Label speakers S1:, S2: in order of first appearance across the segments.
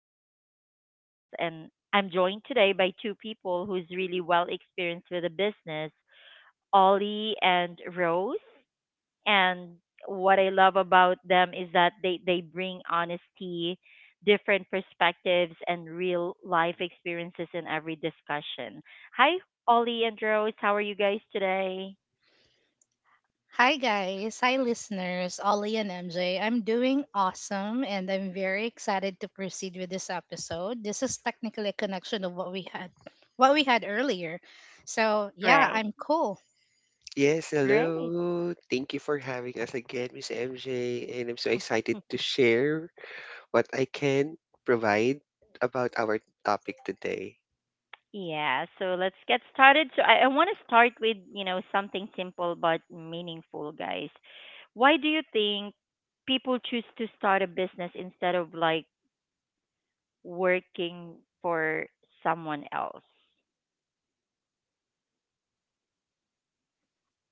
S1: choosing this path. And I'm joined today by two people who's really well experienced with the business, Ollie and Rose, and what I love about them is that they bring honesty, different perspectives, and real life experiences in every discussion. Hi, Ollie and Rose. How are you guys today?
S2: Hi guys, hi listeners, Ollie and MJ. I'm doing awesome and I'm very excited to proceed with this episode. This is technically a connection of what we had earlier. So yeah,
S1: Right.
S2: I'm cool.
S3: Yes,
S1: Great.
S3: hello. Thank you for having us again, Miss MJ, and I'm so excited to share what I can provide about our topic today.
S1: Yeah, so let's get started. So I want to start with, you know, something simple but meaningful, guys. Why do you think people choose to start a business instead of like working for someone else?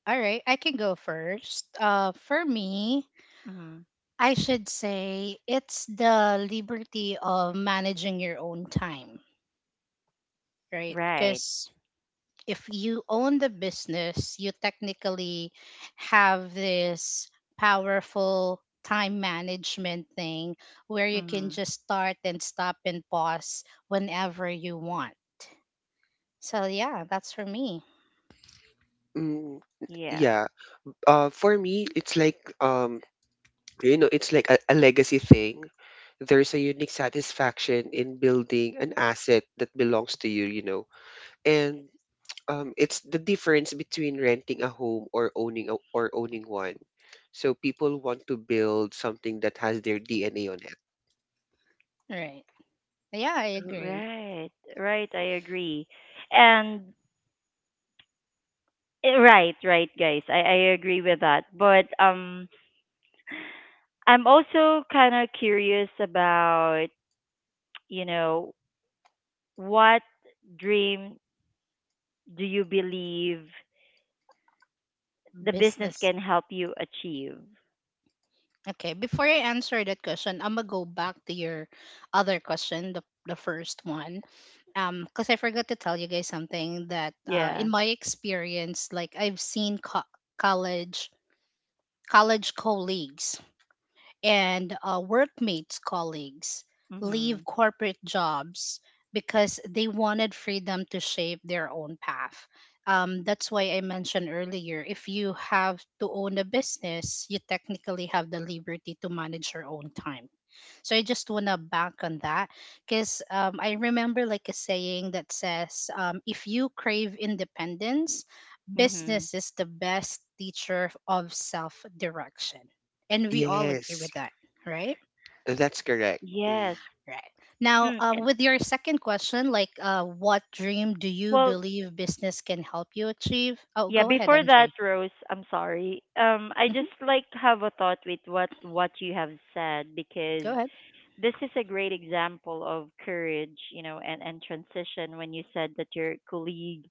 S2: All right, I can go first. For me,
S1: Mm-hmm.
S2: I should say it's the liberty of managing your own time, right?
S1: Right.
S2: Because if you own the business, you technically have this powerful time management thing where you can
S1: Mm-hmm.
S2: just start and stop and pause whenever you want. So, yeah, that's for me.
S3: Mm,
S1: Yeah.
S3: yeah, for me, it's like you know, it's like a legacy thing. There's a unique satisfaction in building an asset that belongs to you, you know, and it's the difference between renting a home or owning one. So people want to build something that has their DNA on it.
S2: Right. Yeah, I agree.
S1: Right. Right. I agree. And right, right, guys. I agree with that. But I'm also kind of curious about you know what dream do you believe the business
S2: Business.
S1: can help you achieve?
S2: Okay, before I answer that question, I'm gonna go back to your other question, the first one. Because I forgot to tell you guys something that in
S1: Yeah.
S2: my experience, like I've seen college college colleagues and workmates colleagues leave
S1: Mhm.
S2: corporate jobs because they wanted freedom to shape their own path. That's why I mentioned earlier if you have to own a business, you technically have the liberty to manage your own time. So I just want to bank on that because I remember like a saying that says, if you crave independence,
S1: Mhm.
S2: business is the best teacher of self direction. And we all agree
S3: Yes,
S2: with that, right?
S3: that's correct. Mm,
S1: Yes.
S2: Right. Now,
S1: Mm, And
S2: with your second question, like what dream do you
S1: well,
S2: believe business can help you achieve? Oh,
S1: Yeah,
S2: go ahead,
S1: before that,
S2: MJ.
S1: Rose, I'm sorry. I
S2: Hmm.
S1: just like have a thought with what you have said because
S2: Go ahead.
S1: this is a great example of courage, you know, and transition when you said that your colleague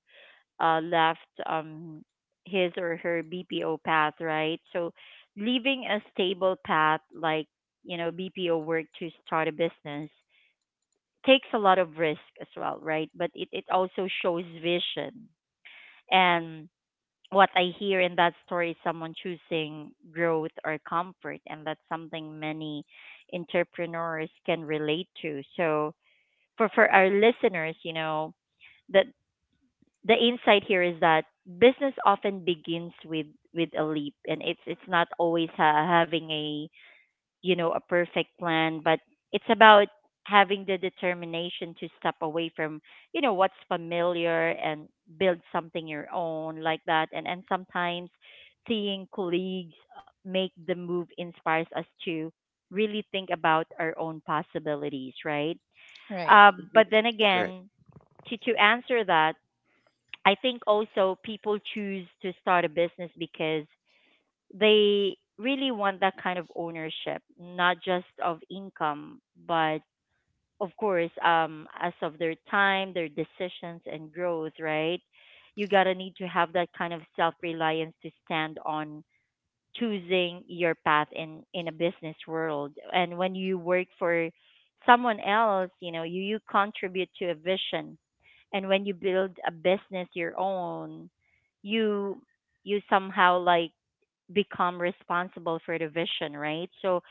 S1: left his or her BPO path, right? So leaving a stable path like, you know, BPO work to start a business takes a lot of risk as well, right? But it also shows vision and what I hear in that story is someone choosing growth or comfort, and that's something many entrepreneurs can relate to. So, for our listeners, you know, the the insight here is that business often begins with a leap, and it's not always having a, you know, a perfect plan, but it's about having the determination to step away from, you know, what's familiar and build something your own like that. And sometimes seeing colleagues make the move inspires us to really think about our own possibilities, right?
S2: Right,
S3: mhm,
S1: But then
S3: Correct.
S1: again, to answer that, I think also people choose to start a business because they really want that kind of ownership, not just of income, but of course, as of their time, their decisions, and growth, right? You gotta need to have that kind of self reliance to stand on choosing your path in a business world. And when you work for someone else, you know, you contribute to a vision. And when you build a business your own, you you somehow like become responsible for the vision, right? So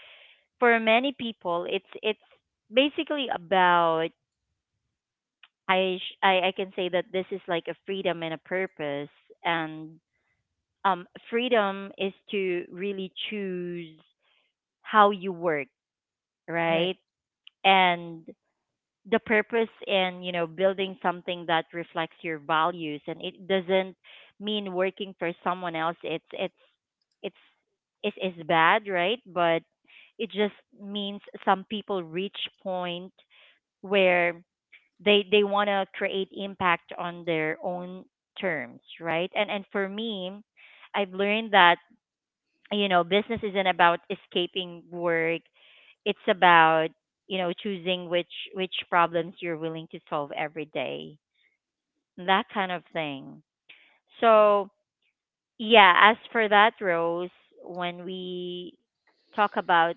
S1: for many people, it's basically about I can say that this is like a freedom and a purpose, and um, freedom is to really choose how you work,
S2: right.
S1: right? And the purpose in, you know, building something that reflects your values, and it doesn't mean working for someone else. It's it's it's it's, it's bad, right? But it just means some people reach point where they want to create impact on their own terms, right? And for me, I've learned that, you know, business isn't about escaping work. It's about, you know, choosing which problems you're willing to solve every day, that kind of thing. So yeah, as for that, Rose, when we talk about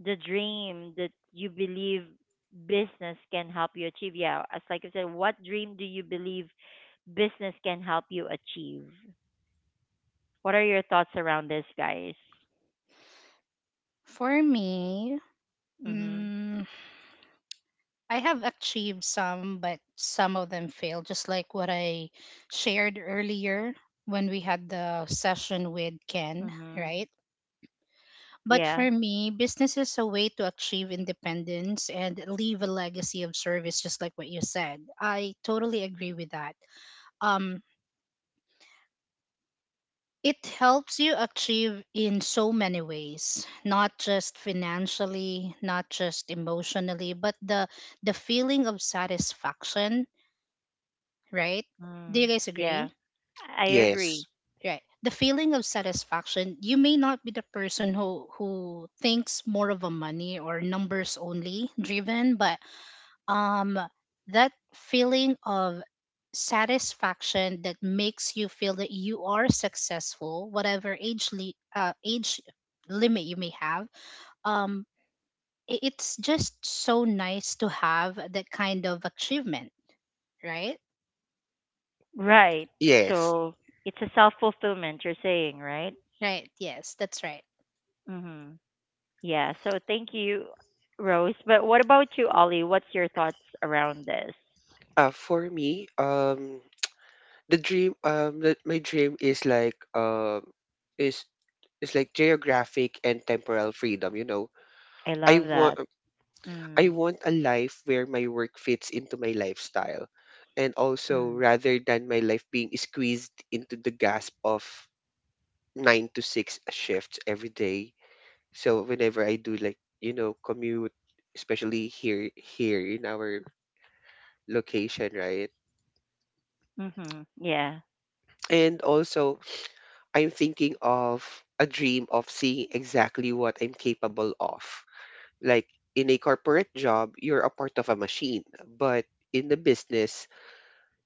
S1: the dream that you believe business can help you achieve, yeah, as like I said, what dream do you believe business can help you achieve? What are your thoughts around this, guys?
S2: For me,
S1: Mhm.
S2: mm, I have achieved some, but some of them failed, just like what I shared earlier when we had the session with Ken,
S1: Mhm.
S2: right? But
S1: Yeah.
S2: for me, business is a way to achieve independence and leave a legacy of service, just like what you said. I totally agree with that. Um, it helps you achieve in so many ways, not just financially, not just emotionally, but the feeling of satisfaction, right? Do
S1: Mm,
S2: you guys
S1: yeah,
S2: agree?
S1: I agree.
S3: Yes.
S2: Right. The feeling of satisfaction, you may not be the person who thinks more of a money or numbers only driven, but um, that feeling of satisfaction that makes you feel that you are successful, whatever age limit you may have, um, it's just so nice to have that kind of achievement, right?
S1: Right.
S3: Yes.
S1: So it's a self fulfillment, you're saying, right?
S2: Right. Yes, that's right.
S1: Mm-hmm. Yeah. So thank you, Rose. But what about you, Ollie? What's your thoughts around this?
S3: For me, the, my dream is like, is is like geographic and temporal freedom. You know,
S1: I
S3: I
S1: love
S3: want,
S1: that.
S3: I
S1: Mm,
S3: want a life where my work fits into my lifestyle. And also,
S1: mm,
S3: rather than my life being squeezed into the gasp of 9 to 6 shifts every day. So, whenever I do, like, you know, commute, especially here in our location, right?
S1: mm-hmm. Yeah.
S3: And also, I'm thinking of a dream of seeing exactly what I'm capable of. Like, in a corporate job, you're a part of a machine, but in the business,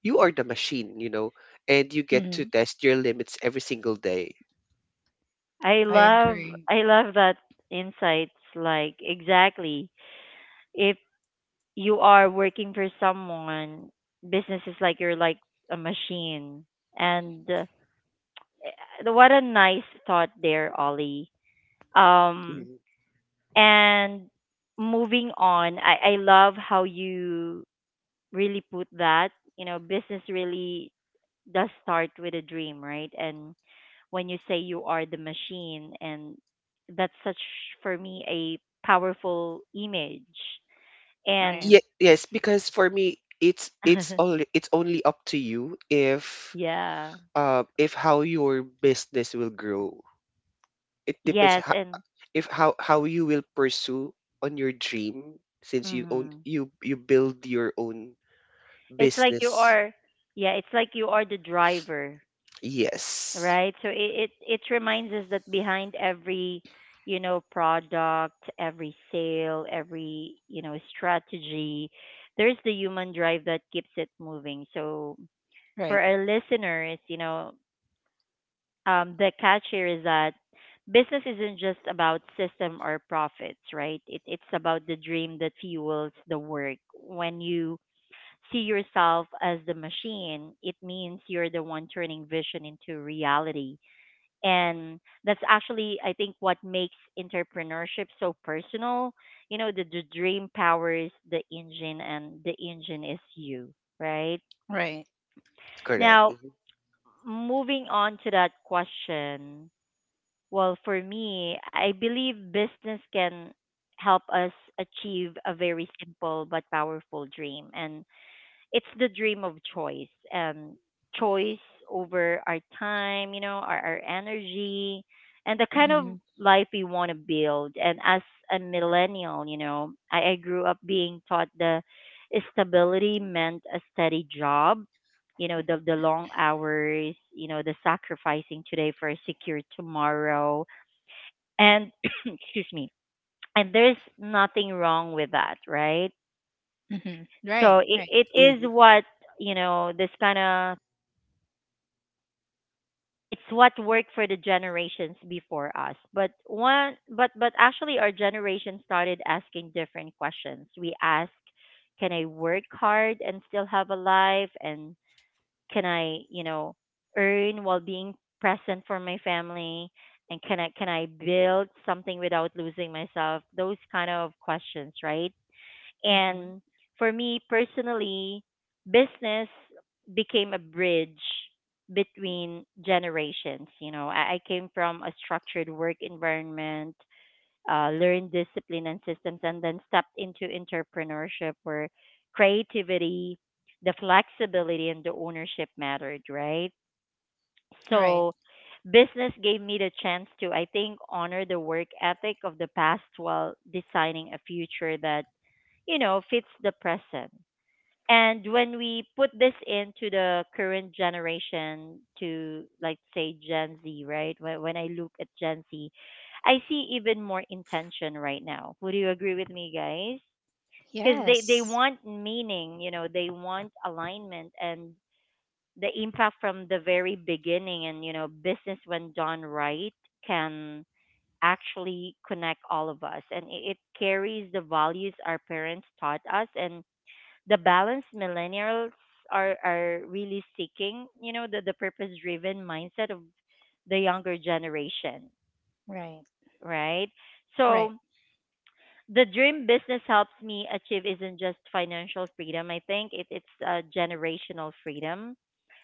S3: you are the machine, you know, and you get to
S2: Mhm.
S3: test your limits every single day.
S1: I
S2: I
S1: love
S2: agree.
S1: I love that insights, like exactly, if you are working for someone, business is like you're like a machine. And Eh, What a nice thought there, Ollie. Um,
S3: Mhm.
S1: and moving on, I love how you really put that. You know, business really does start with a dream, right? And when you say you are the machine, and that's such for me a powerful image.
S2: Right.
S3: Ye-
S1: And
S3: yes, because for me, it's it's only it's only up to you
S1: yeah,
S3: if how your business will grow. It depends
S1: yes,
S3: ho-
S1: and
S3: if how how you will pursue on your dream since you own
S1: mhm.
S3: you build your own
S1: It's like you
S3: business.
S1: are, yeah, it's like you are the driver,
S3: Yes,
S1: right? So it reminds us that behind every, you know, product, every sale, every, you know, strategy, there's the human drive that keeps it moving. So
S2: Right.
S1: for our listeners, you know, the catch here is that business isn't just about system or profits, right? It's about the dream that fuels the work. When you see yourself as the machine, it means you're the one turning vision into reality. And that's actually, I think, what makes entrepreneurship so personal. You know, the dream powers the engine and the engine is you, right?
S2: Right.
S3: correct.
S1: Now,
S3: Mhm.
S1: moving on to that question, well, for me, I believe business can help us achieve a very simple but powerful dream, and it's the dream of choice. um Choice over our time, you know, our energy, and the kind of
S2: Hmm.
S1: life we want to build. And as a millennial, you know, I grew up being taught the stability meant a steady job, you know, the long hours, you know, the sacrificing today for a secure tomorrow. And excuse me, and there's nothing wrong with that, right?
S2: Hmm. Right.
S1: So it,
S2: Right.
S1: it is
S3: Mhm.
S1: what, you know, this kind of, it's what worked for the generations before us. But one but actually our generation started asking different questions. We ask, can I work hard and still have a life, and can I, you know, earn while being present for my family, and can I build something without losing myself? Those kind of questions, right?
S2: Hmm.
S1: And for me personally, business became a bridge between generations. You know, I came from a structured work environment, learned discipline and systems, and then stepped into entrepreneurship where creativity, the flexibility, and the ownership mattered, right?
S2: Right.
S1: So, business gave me the chance to, I think, honor the work ethic of the past while designing a future that, you know, fits the present. And when we put this into the current generation to like say Gen Z, right? When I look at Gen Z, I see even more intention right now. Would you agree with me, guys? Because they
S2: Yes.
S1: want meaning, you know, they want alignment and the impact from the very beginning. And, you know, business, when done right, can actually connect all of us. And it carries the values our parents taught us and the balance millennials are really seeking, you know, the purpose driven mindset of the younger generation,
S2: Right.
S1: right?
S2: Right.
S1: So the dream business helps me achieve isn't just financial freedom. I think it's a generational freedom.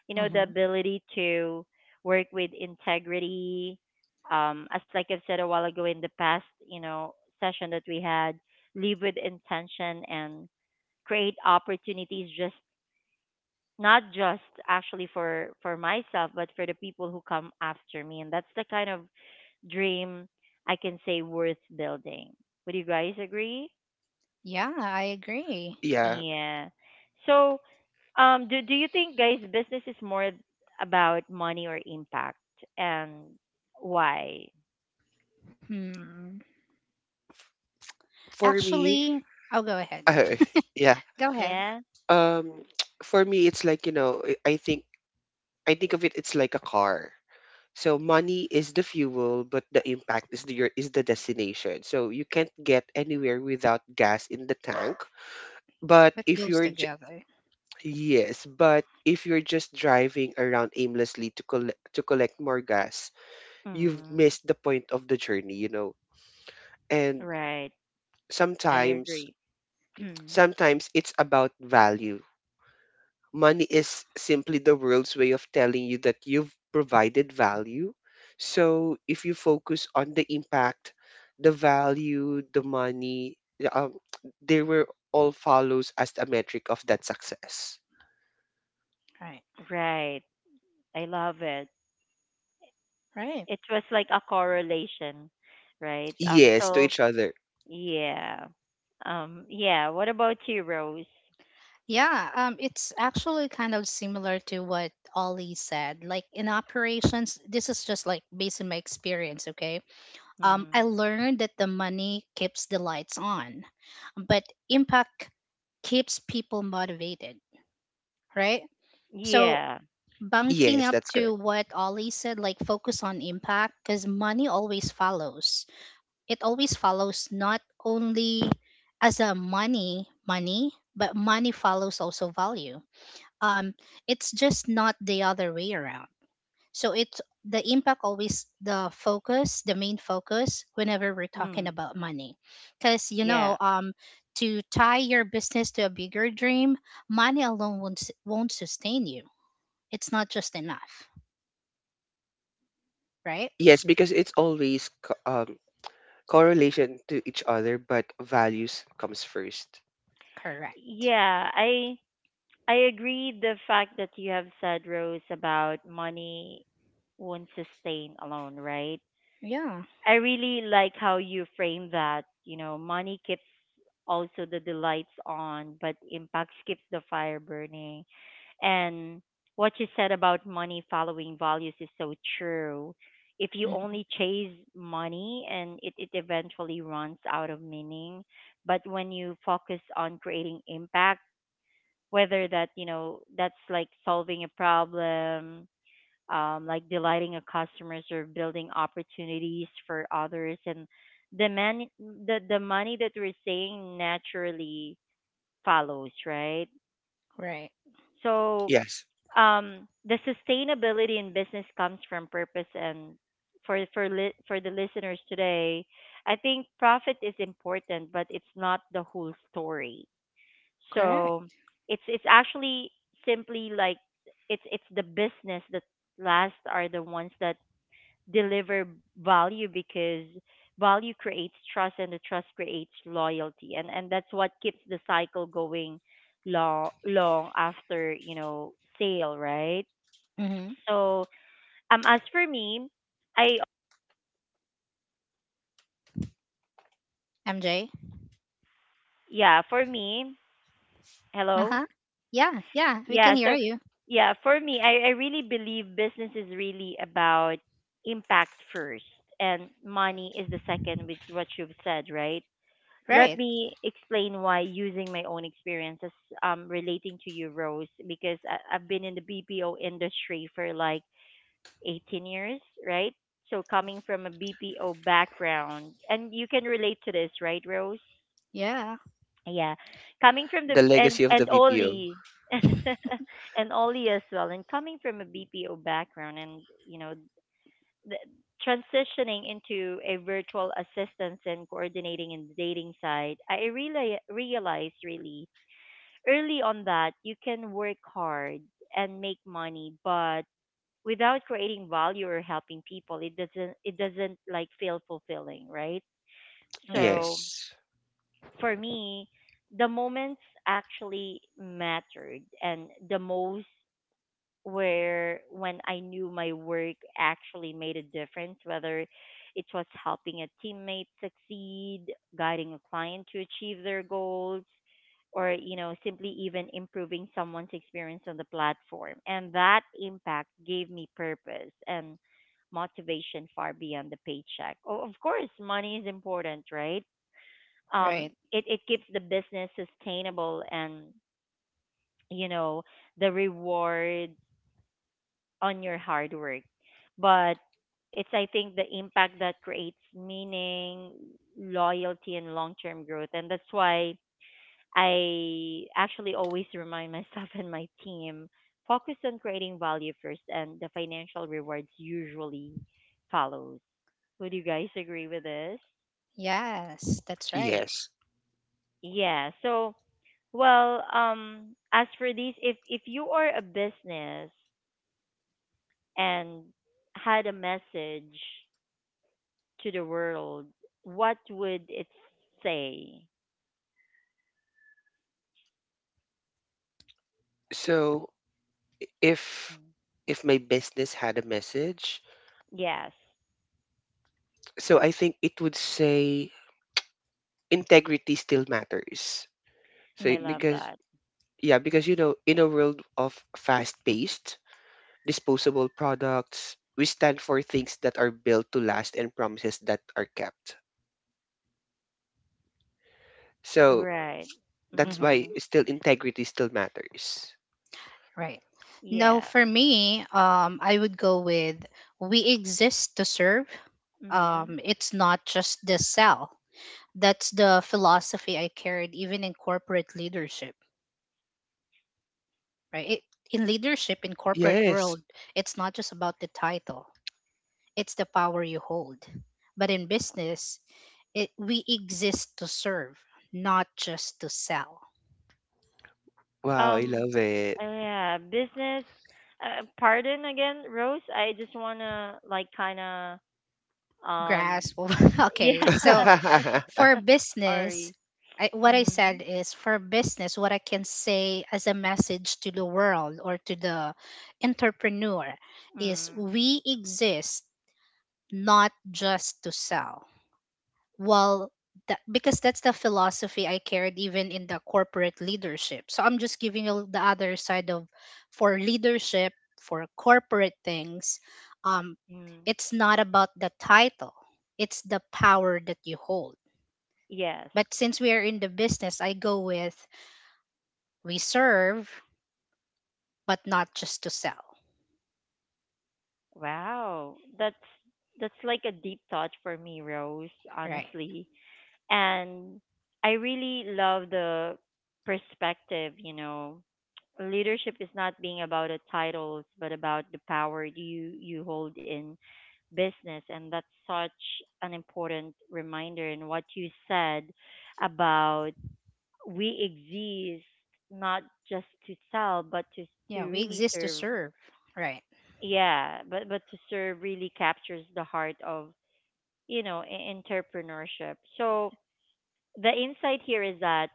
S1: You know, the
S2: Hmm.
S1: ability to work with integrity. As like I've said a while ago in the past, you know, session that we had, live with intention and create opportunities just not just actually for myself but for the people who come after me. And that's the kind of dream I can say worth building. Would you guys agree?
S2: Yeah, I agree.
S3: Yeah,
S1: Yeah, so do you think, guys, business is more about money or impact, and why?
S2: Hmm.
S3: for me,
S2: Actually, I'll go ahead.
S3: uh, yeah.
S2: Go ahead.
S1: Yeah.
S3: Um, for me, it's like you know, I I think I think of it's like a car. So money is the fuel, but the impact is the destination. So you can't get anywhere without gas in the tank. But
S2: Put
S3: if
S2: those
S3: you're j-
S2: together.
S3: Yes, but if you're just driving around aimlessly to collect more gas, you've
S1: Mm,
S3: missed the point of the journey, you know. And
S1: right, I
S3: sometimes
S1: agree. Mm,
S3: sometimes it's about value. Money is simply the world's way of telling you that you've provided value. So if you focus on the impact, the value, the money, the, they were all follows as a metric of that success.
S2: Right.
S1: right, I love it.
S2: Right.
S1: It was like a correlation, right?
S3: Yes, to each other.
S1: Yeah. Yeah. What about you, Rose?
S2: Yeah, it's actually kind of similar to what Ollie said. Like in operations, this is just like based on my experience, okay? Um, I
S1: Mm.
S2: learned that the money keeps the lights on, but impact keeps people motivated, right? So,
S1: Yeah.
S2: bunking
S3: Yes,
S2: up
S3: that's
S2: to
S3: correct.
S2: what Ollie said, like focus on impact because money always follows. It always follows not only as a money, money, but money follows also value. Um, it's just not the other way around. So it's the impact always the focus, the main focus whenever we're talking
S1: Mm.
S2: about money. Cuz you know,
S1: Yeah.
S2: um, to tie your business to a bigger dream, money alone won't sustain you. It's not just enough, right?
S3: Yes, because it's always correlation to each other, but values comes first.
S2: Correct.
S1: Yeah, I agree the fact that you have said, Rose, about money won't sustain alone, right?
S2: Yeah.
S1: I really like how you frame that. You know, money keeps also the delights on, but impact keeps the fire burning. And what you said about money following values is so true. If you only
S2: Hmm.
S1: chase money, and it eventually runs out of meaning. But when you focus on creating impact, whether that, you know, that's like solving a problem, like delighting our customers or building opportunities for others, and the man the money that we're saying naturally follows, right?
S2: Right.
S1: So
S3: Yes,
S1: the sustainability in business comes from purpose, and for for the listeners today, I think profit is important, but it's not the whole story.
S2: Correct.
S1: So it's actually simply like it's the business that last are the ones that deliver value, because value creates trust, and the trust creates loyalty, and that's what keeps the cycle going long, long after sale, right?
S2: Mhm.
S1: So, as for me, I
S2: MJ.
S1: yeah, for me. Hello?
S2: Uh-huh. Yeah, yeah, we
S1: Yeah.
S2: can hear
S1: So,
S2: you.
S1: yeah, for me, I really believe business is really about impact first and money is the second with what you've said, right? Let
S2: Right.
S1: me explain why, using my own experiences, relating to you, Rose. Because I've been in the BPO industry for like 18 years, right? So coming from a BPO background, and you can relate to this, right, Rose?
S2: Yeah.
S1: Yeah. Coming from the
S3: the
S1: and
S3: legacy of
S1: and
S3: the BPO.
S1: Oli and Oli as well, and coming from a BPO background, and you know the, transitioning into a virtual assistance and coordinating in the dating side, I really realized really early on that you can work hard and make money, but without creating value or helping people, it doesn't, like, feel fulfilling, right?
S2: Right.
S1: So
S3: Yes,
S1: for me, the moments actually mattered and the most where when I knew my work actually made a difference, whether it was helping a teammate succeed, guiding a client to achieve their goals, or simply even improving someone's experience on the platform. And that impact gave me purpose and motivation far beyond the paycheck. Oh, of course, money is important, right? Um,
S2: Right.
S1: it keeps the business sustainable and, you know, the reward on your hard work. But it's, I think, the impact that creates meaning, loyalty, and long term growth. And that's why I actually always remind myself and my team focus on creating value first, and the financial rewards usually follows. Would you guys agree with this?
S2: Yes, that's right.
S3: yes.
S1: Yeah. So, well, as for these, if you are a business and had a message to the world, what would it say?
S3: So if
S1: Mm.
S3: if my business had a message,
S1: Yes,
S3: so I think it would say integrity still matters. So
S1: I love
S2: Mhm.
S3: because
S1: that.
S3: yeah, because you know, in a world of fast paced disposable products, we stand for things that are built to last and promises that are kept. So
S1: Right.
S3: that's
S1: Mm.
S3: why still integrity still matters.
S2: Right. Now,
S1: Yeah.
S2: for me, I would go with we exist to serve.
S1: Mm.
S2: It's not just the sell. That's the philosophy I carried even in corporate leadership, right? It, in leadership, in corporate
S3: Yes.
S2: world, it's not just about the title. It's the power you hold. But in business, it, we exist to serve, not just to sell.
S3: Wow, I
S1: Um.
S3: love it.
S1: Yeah. Business. Pardon again, Rose. I just wanna, like, kind of um.
S2: Grasp. Okay,
S1: Yeah.
S2: so for business,
S1: Sorry.
S2: what I
S1: Mm.
S2: said is for business, what I can say as a message to the world or to the entrepreneur is
S1: Mm.
S2: we exist not just to sell. Well, that, because that's the philosophy I carried even in the corporate leadership. So I'm just giving you the other side of for leadership, for corporate things. Um,
S1: Mm.
S2: it's not about the title, it's the power that you hold
S1: Yes.
S2: but since we are in the business, I go with we serve, but not just to sell.
S1: Wow. That's like a deep thought for me, Rose.
S2: Right.
S1: Honestly. And I really love the perspective, you know. Leadership is not being about the titles, but about the power you hold in business, and that's such an important reminder. And what you said about we exist not just to sell, but to
S2: Yeah, we
S1: really
S2: exist to
S1: serve.
S2: serve. Right.
S1: Yeah, but to serve really captures the heart of, you know, entrepreneurship. So the insight here is that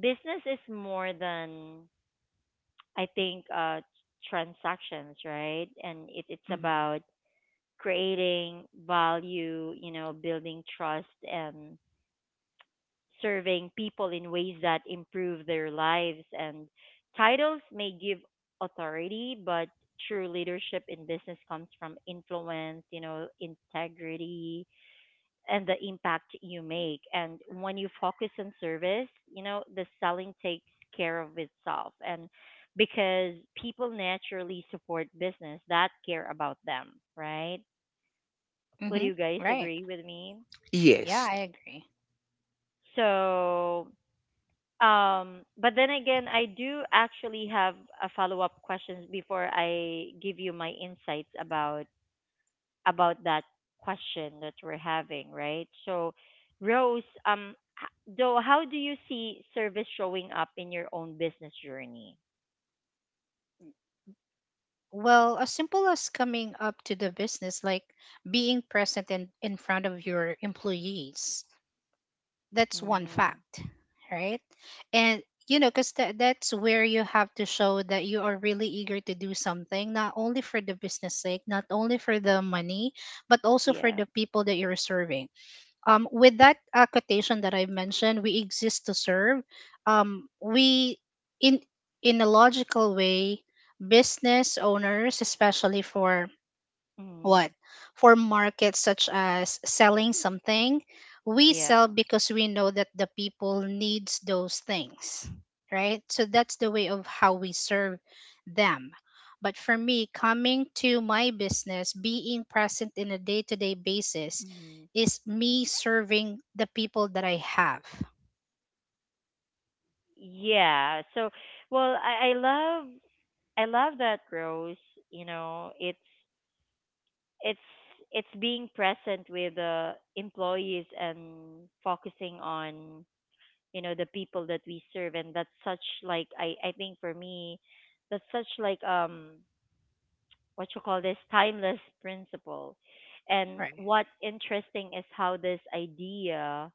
S1: business is more than, I think, transactions, right? And it's
S2: Mm-hmm.
S1: about creating value, you know, building trust, and serving people in ways that improve their lives, and titles may give authority, but true leadership in business comes from influence, you know, integrity and the impact you make. And when you focus on service, you know, the selling takes care of itself. And because people naturally support business that care about them, right? Would
S2: Mm-hmm.
S1: you guys
S2: Right.
S1: agree with me?
S2: Yeah,
S3: Yes.
S2: I agree.
S1: So, but then again, I do actually have a follow up questions before I give you my insights about that question that we're having, right? So, Rose, though, how do you see service showing up in your own business journey?
S2: Well, as simple as coming up to the business, like being present in front of your employees. That's one
S1: Mm,
S2: fact, right? And you know, because that's where you have to show that you are really eager to do something, not only for the business sake, not only for the money, but also for
S1: yeah.
S2: the people that you're serving. With that quotation that I've mentioned, we exist to serve. We in in a logical way, business owners, especially for what?
S1: Mm,
S2: For markets such as selling something, we sell
S1: yeah.
S2: because we know that the people needs those things, right? So that's the way of how we serve them. But for me, coming to my business, being present in a day-to-day basis
S1: Mm,
S2: is me serving the people that I have.
S1: yeah. So, well, I love that, Rose. You know, it's, it's being present with the employees and focusing on, you know, the people that we serve, and that's such, like, I think, for me, that's such, like, what you call this, timeless principle. And
S2: Right.
S1: what interesting is how this idea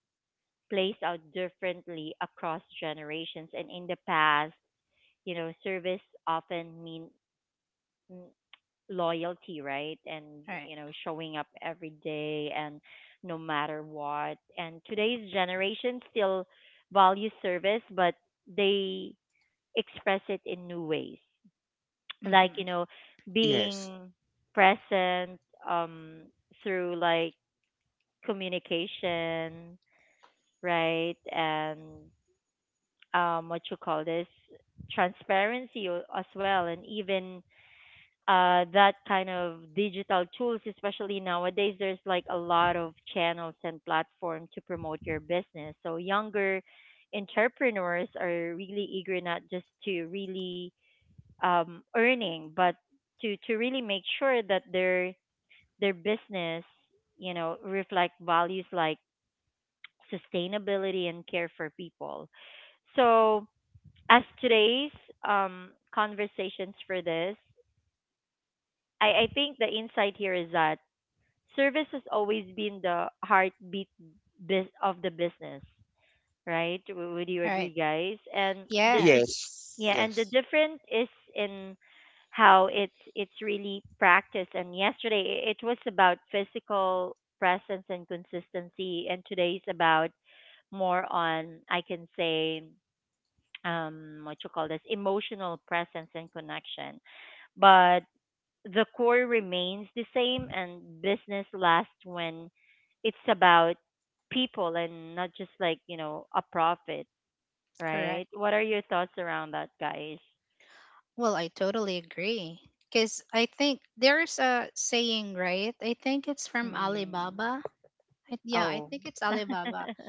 S1: plays out differently across generations, and in the past, you know, service often mean, mm, loyalty, right, and,
S2: Right.
S1: you know, showing up every day, and no matter what, and today's generation still value service, but they express it in new ways, like, you
S2: Mhm.
S1: know,
S3: Yes.
S1: being present, um through, like, communication, right, and, what you call this, transparency, as well, and even, that kind of digital tools, especially nowadays, there's like a lot of channels and platforms to promote your business, so younger entrepreneurs are really eager not just to really, earning, but to really make sure that their business, you know, reflect values like sustainability and care for people. So, as today's conversations for this, I think the insight here is that service has always been the heartbeat of the business, right? Would you agree,
S2: Right.
S1: guys? And the
S3: Yes.
S2: Yes.
S1: yeah, and the
S3: Yes.
S1: difference is in how it's really practiced. And yesterday, it was about physical presence and consistency, and today's about more on, I can say, what you call this, emotional presence and connection, but the core remains the same, and business lasts when it's about people and not just, like, you know, a profit,
S2: Correct.
S1: right? What are your thoughts around that, guys?
S2: Well, I totally agree. Because I think there's a saying, right? I think it's from
S1: Mm.
S2: Alibaba. Yeah, I
S1: Oh.
S2: think it's Alibaba.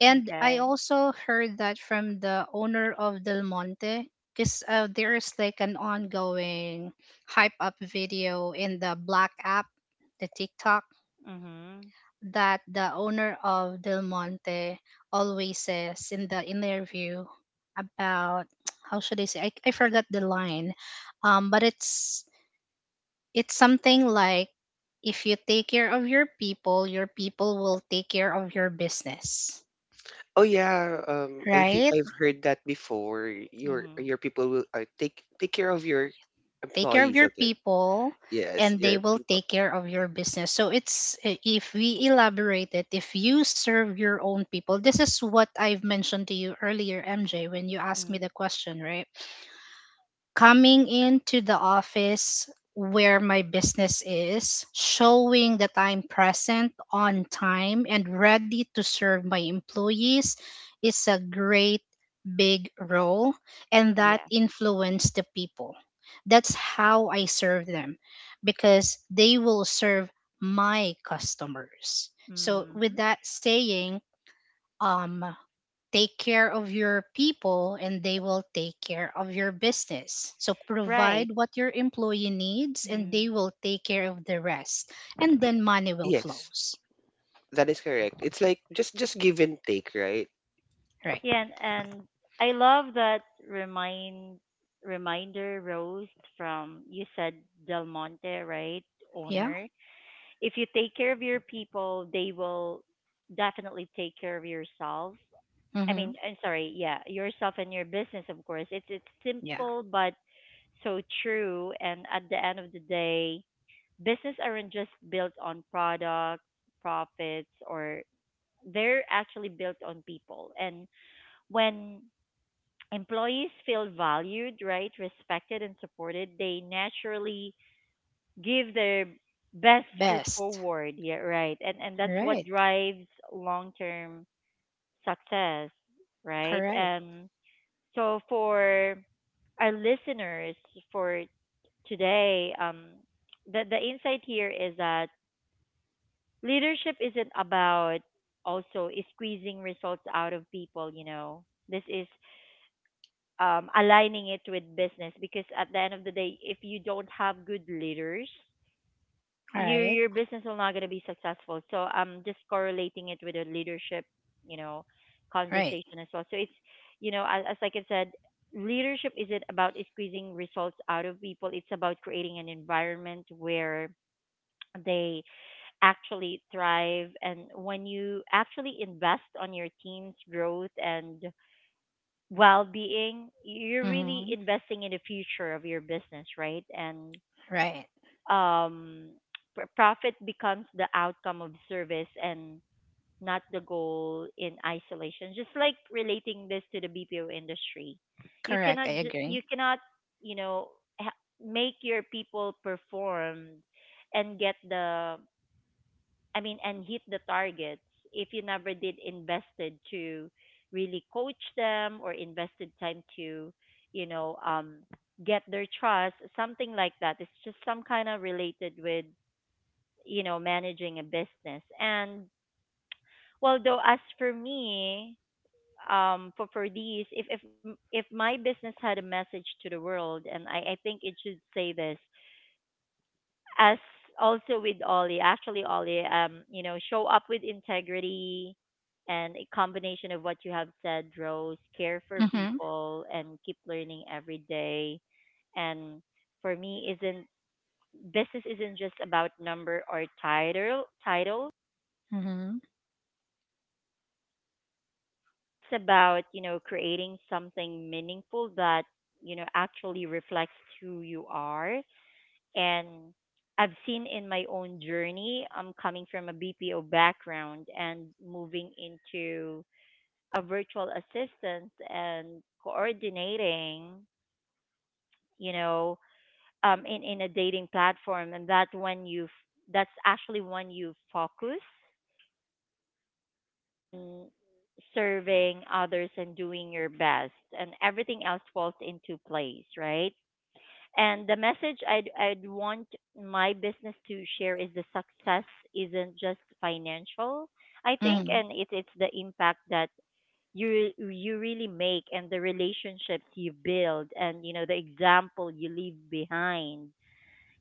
S2: And I
S1: Okay.
S2: also heard that from the owner of Del Monte. Because there's like an ongoing hype up video in the Black app, the TikTok,
S1: Mhm.
S2: that the owner of Del Monte always says in the interview about, how should I say? I forgot the line, but it's something like if you take care of your people will take care of your business,
S3: Oh yeah, I think
S2: right?
S3: I've heard that before. Your
S1: Mhm.
S3: your people will take take care of your
S2: Take care of
S3: employees
S2: your
S3: of it.
S2: people
S3: Yes,
S2: and they
S3: your
S2: will
S3: people.
S2: take care of your business. So it's, if we elaborate it, if you serve your own people, this is what I've mentioned to you earlier, MJ, when you asked me
S1: Mm.
S2: the question, right? Coming into the office where my business is, showing that I'm present on time and ready to serve my employees is a great big role and that
S1: Yeah.
S2: influenced the people. That's how I serve them because they will serve my customers. So with
S1: Mhm.
S2: that saying, um, take care of your people and they will take care of your business. So
S1: Right.
S2: provide what your employee needs and
S1: Mm.
S2: they will take care of the rest. And then money will
S3: Yes,
S2: flows.
S3: that is correct. It's like just give and take, right?
S2: Right.
S1: Yeah, and I love that remind reminder, Rose, from you said Del Monte, right?
S2: Yeah.
S1: Owner. If you take care of your people, they will definitely take care of yourself, I
S2: Mm-hmm.
S1: mean, I'm sorry, yeah, yourself and your business, of course. It's
S2: Yeah.
S1: simple but so true. And at the end of the day, business aren't just built on products, profits, or they're actually built on people. And when employees feel valued, right, respected, and supported, they naturally give their best foot
S2: Best.
S1: forward. Yeah, right. And that's what
S2: Right.
S1: drives long term success, right?
S2: Correct.
S1: And so for our listeners for today, the insight here is that leadership isn't about, also, squeezing results out of people. You know, this is, aligning it with business, because at the end of the day, if you don't have good leaders,
S2: All
S1: your
S2: right.
S1: your business will not going to be successful. So I'm just correlating it with a leadership, you know,
S2: Right.
S1: conversation as well. So it's, you know, as, like I said, leadership isn't about squeezing results out of people. It's about creating an environment where they actually thrive. And when you actually invest on your team's growth and well-being, you're really
S2: Mm-hmm.
S1: investing in the future of your business, right? And,
S2: Right.
S1: um, profit becomes the outcome of service and not the goal in isolation. Just like relating this to the BPO industry, you
S2: Correct.
S1: cannot
S2: I
S1: ju-
S2: agree.
S1: you cannot you know, make your people perform and get the, I mean, and hit the targets, if you never did invested to really coach them or invested time to, you know, get their trust, something like that. It's just some kind of related with, you know, managing a business. And well though, as for me, for these, if my business had a message to the world, and I think it should say this, as also with Ollie, actually Ollie, you know, show up with integrity, and a combination of what you have said, Rose, care for
S2: Mm-hmm.
S1: people and keep learning every day. And for me isn't, business isn't just about number or title,
S2: Mm-hmm.
S1: it's about, you know, creating something meaningful that, you know, actually reflects who you are. And I've seen in my own journey, I'm coming from a BPO background and moving into a virtual assistant and coordinating, you know, in a dating platform, and that when that's actually when you focus on serving others and doing your best, and everything else falls into place, right. And the message I'd want my business to share is, the success isn't just financial, I think,
S2: Mm-hmm.
S1: and it's the impact that you really make, and the relationships you build, and, you know, the example you leave behind,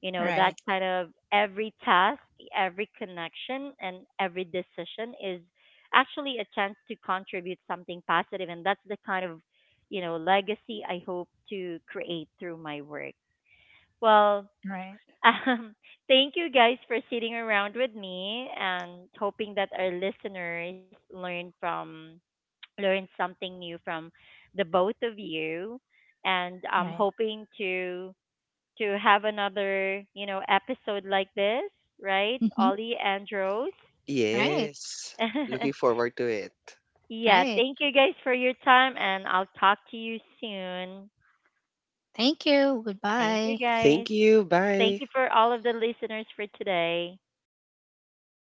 S1: you know, that
S2: Right.
S1: kind of every task, every connection, and every decision is actually a chance to contribute something positive, and that's the kind of, you know, legacy I hope to create through my work. Well,
S2: Right.
S1: um, thank you guys for sitting around with me and hoping that our listeners learn something new from the both of you, and I'm
S2: Right.
S1: hoping to have another, you know, episode like this, right?
S2: Mm-hmm.
S1: Ollie and Rose.
S2: Right.
S3: Yes. Looking forward to it.
S1: Yeah,
S2: Right.
S1: thank you guys for your time, and I'll talk to you soon.
S2: Thank you.
S1: Thank you
S2: Goodbye.
S1: guys.
S3: Thank you.
S1: Thank
S3: Bye.
S1: you for all of the listeners for today.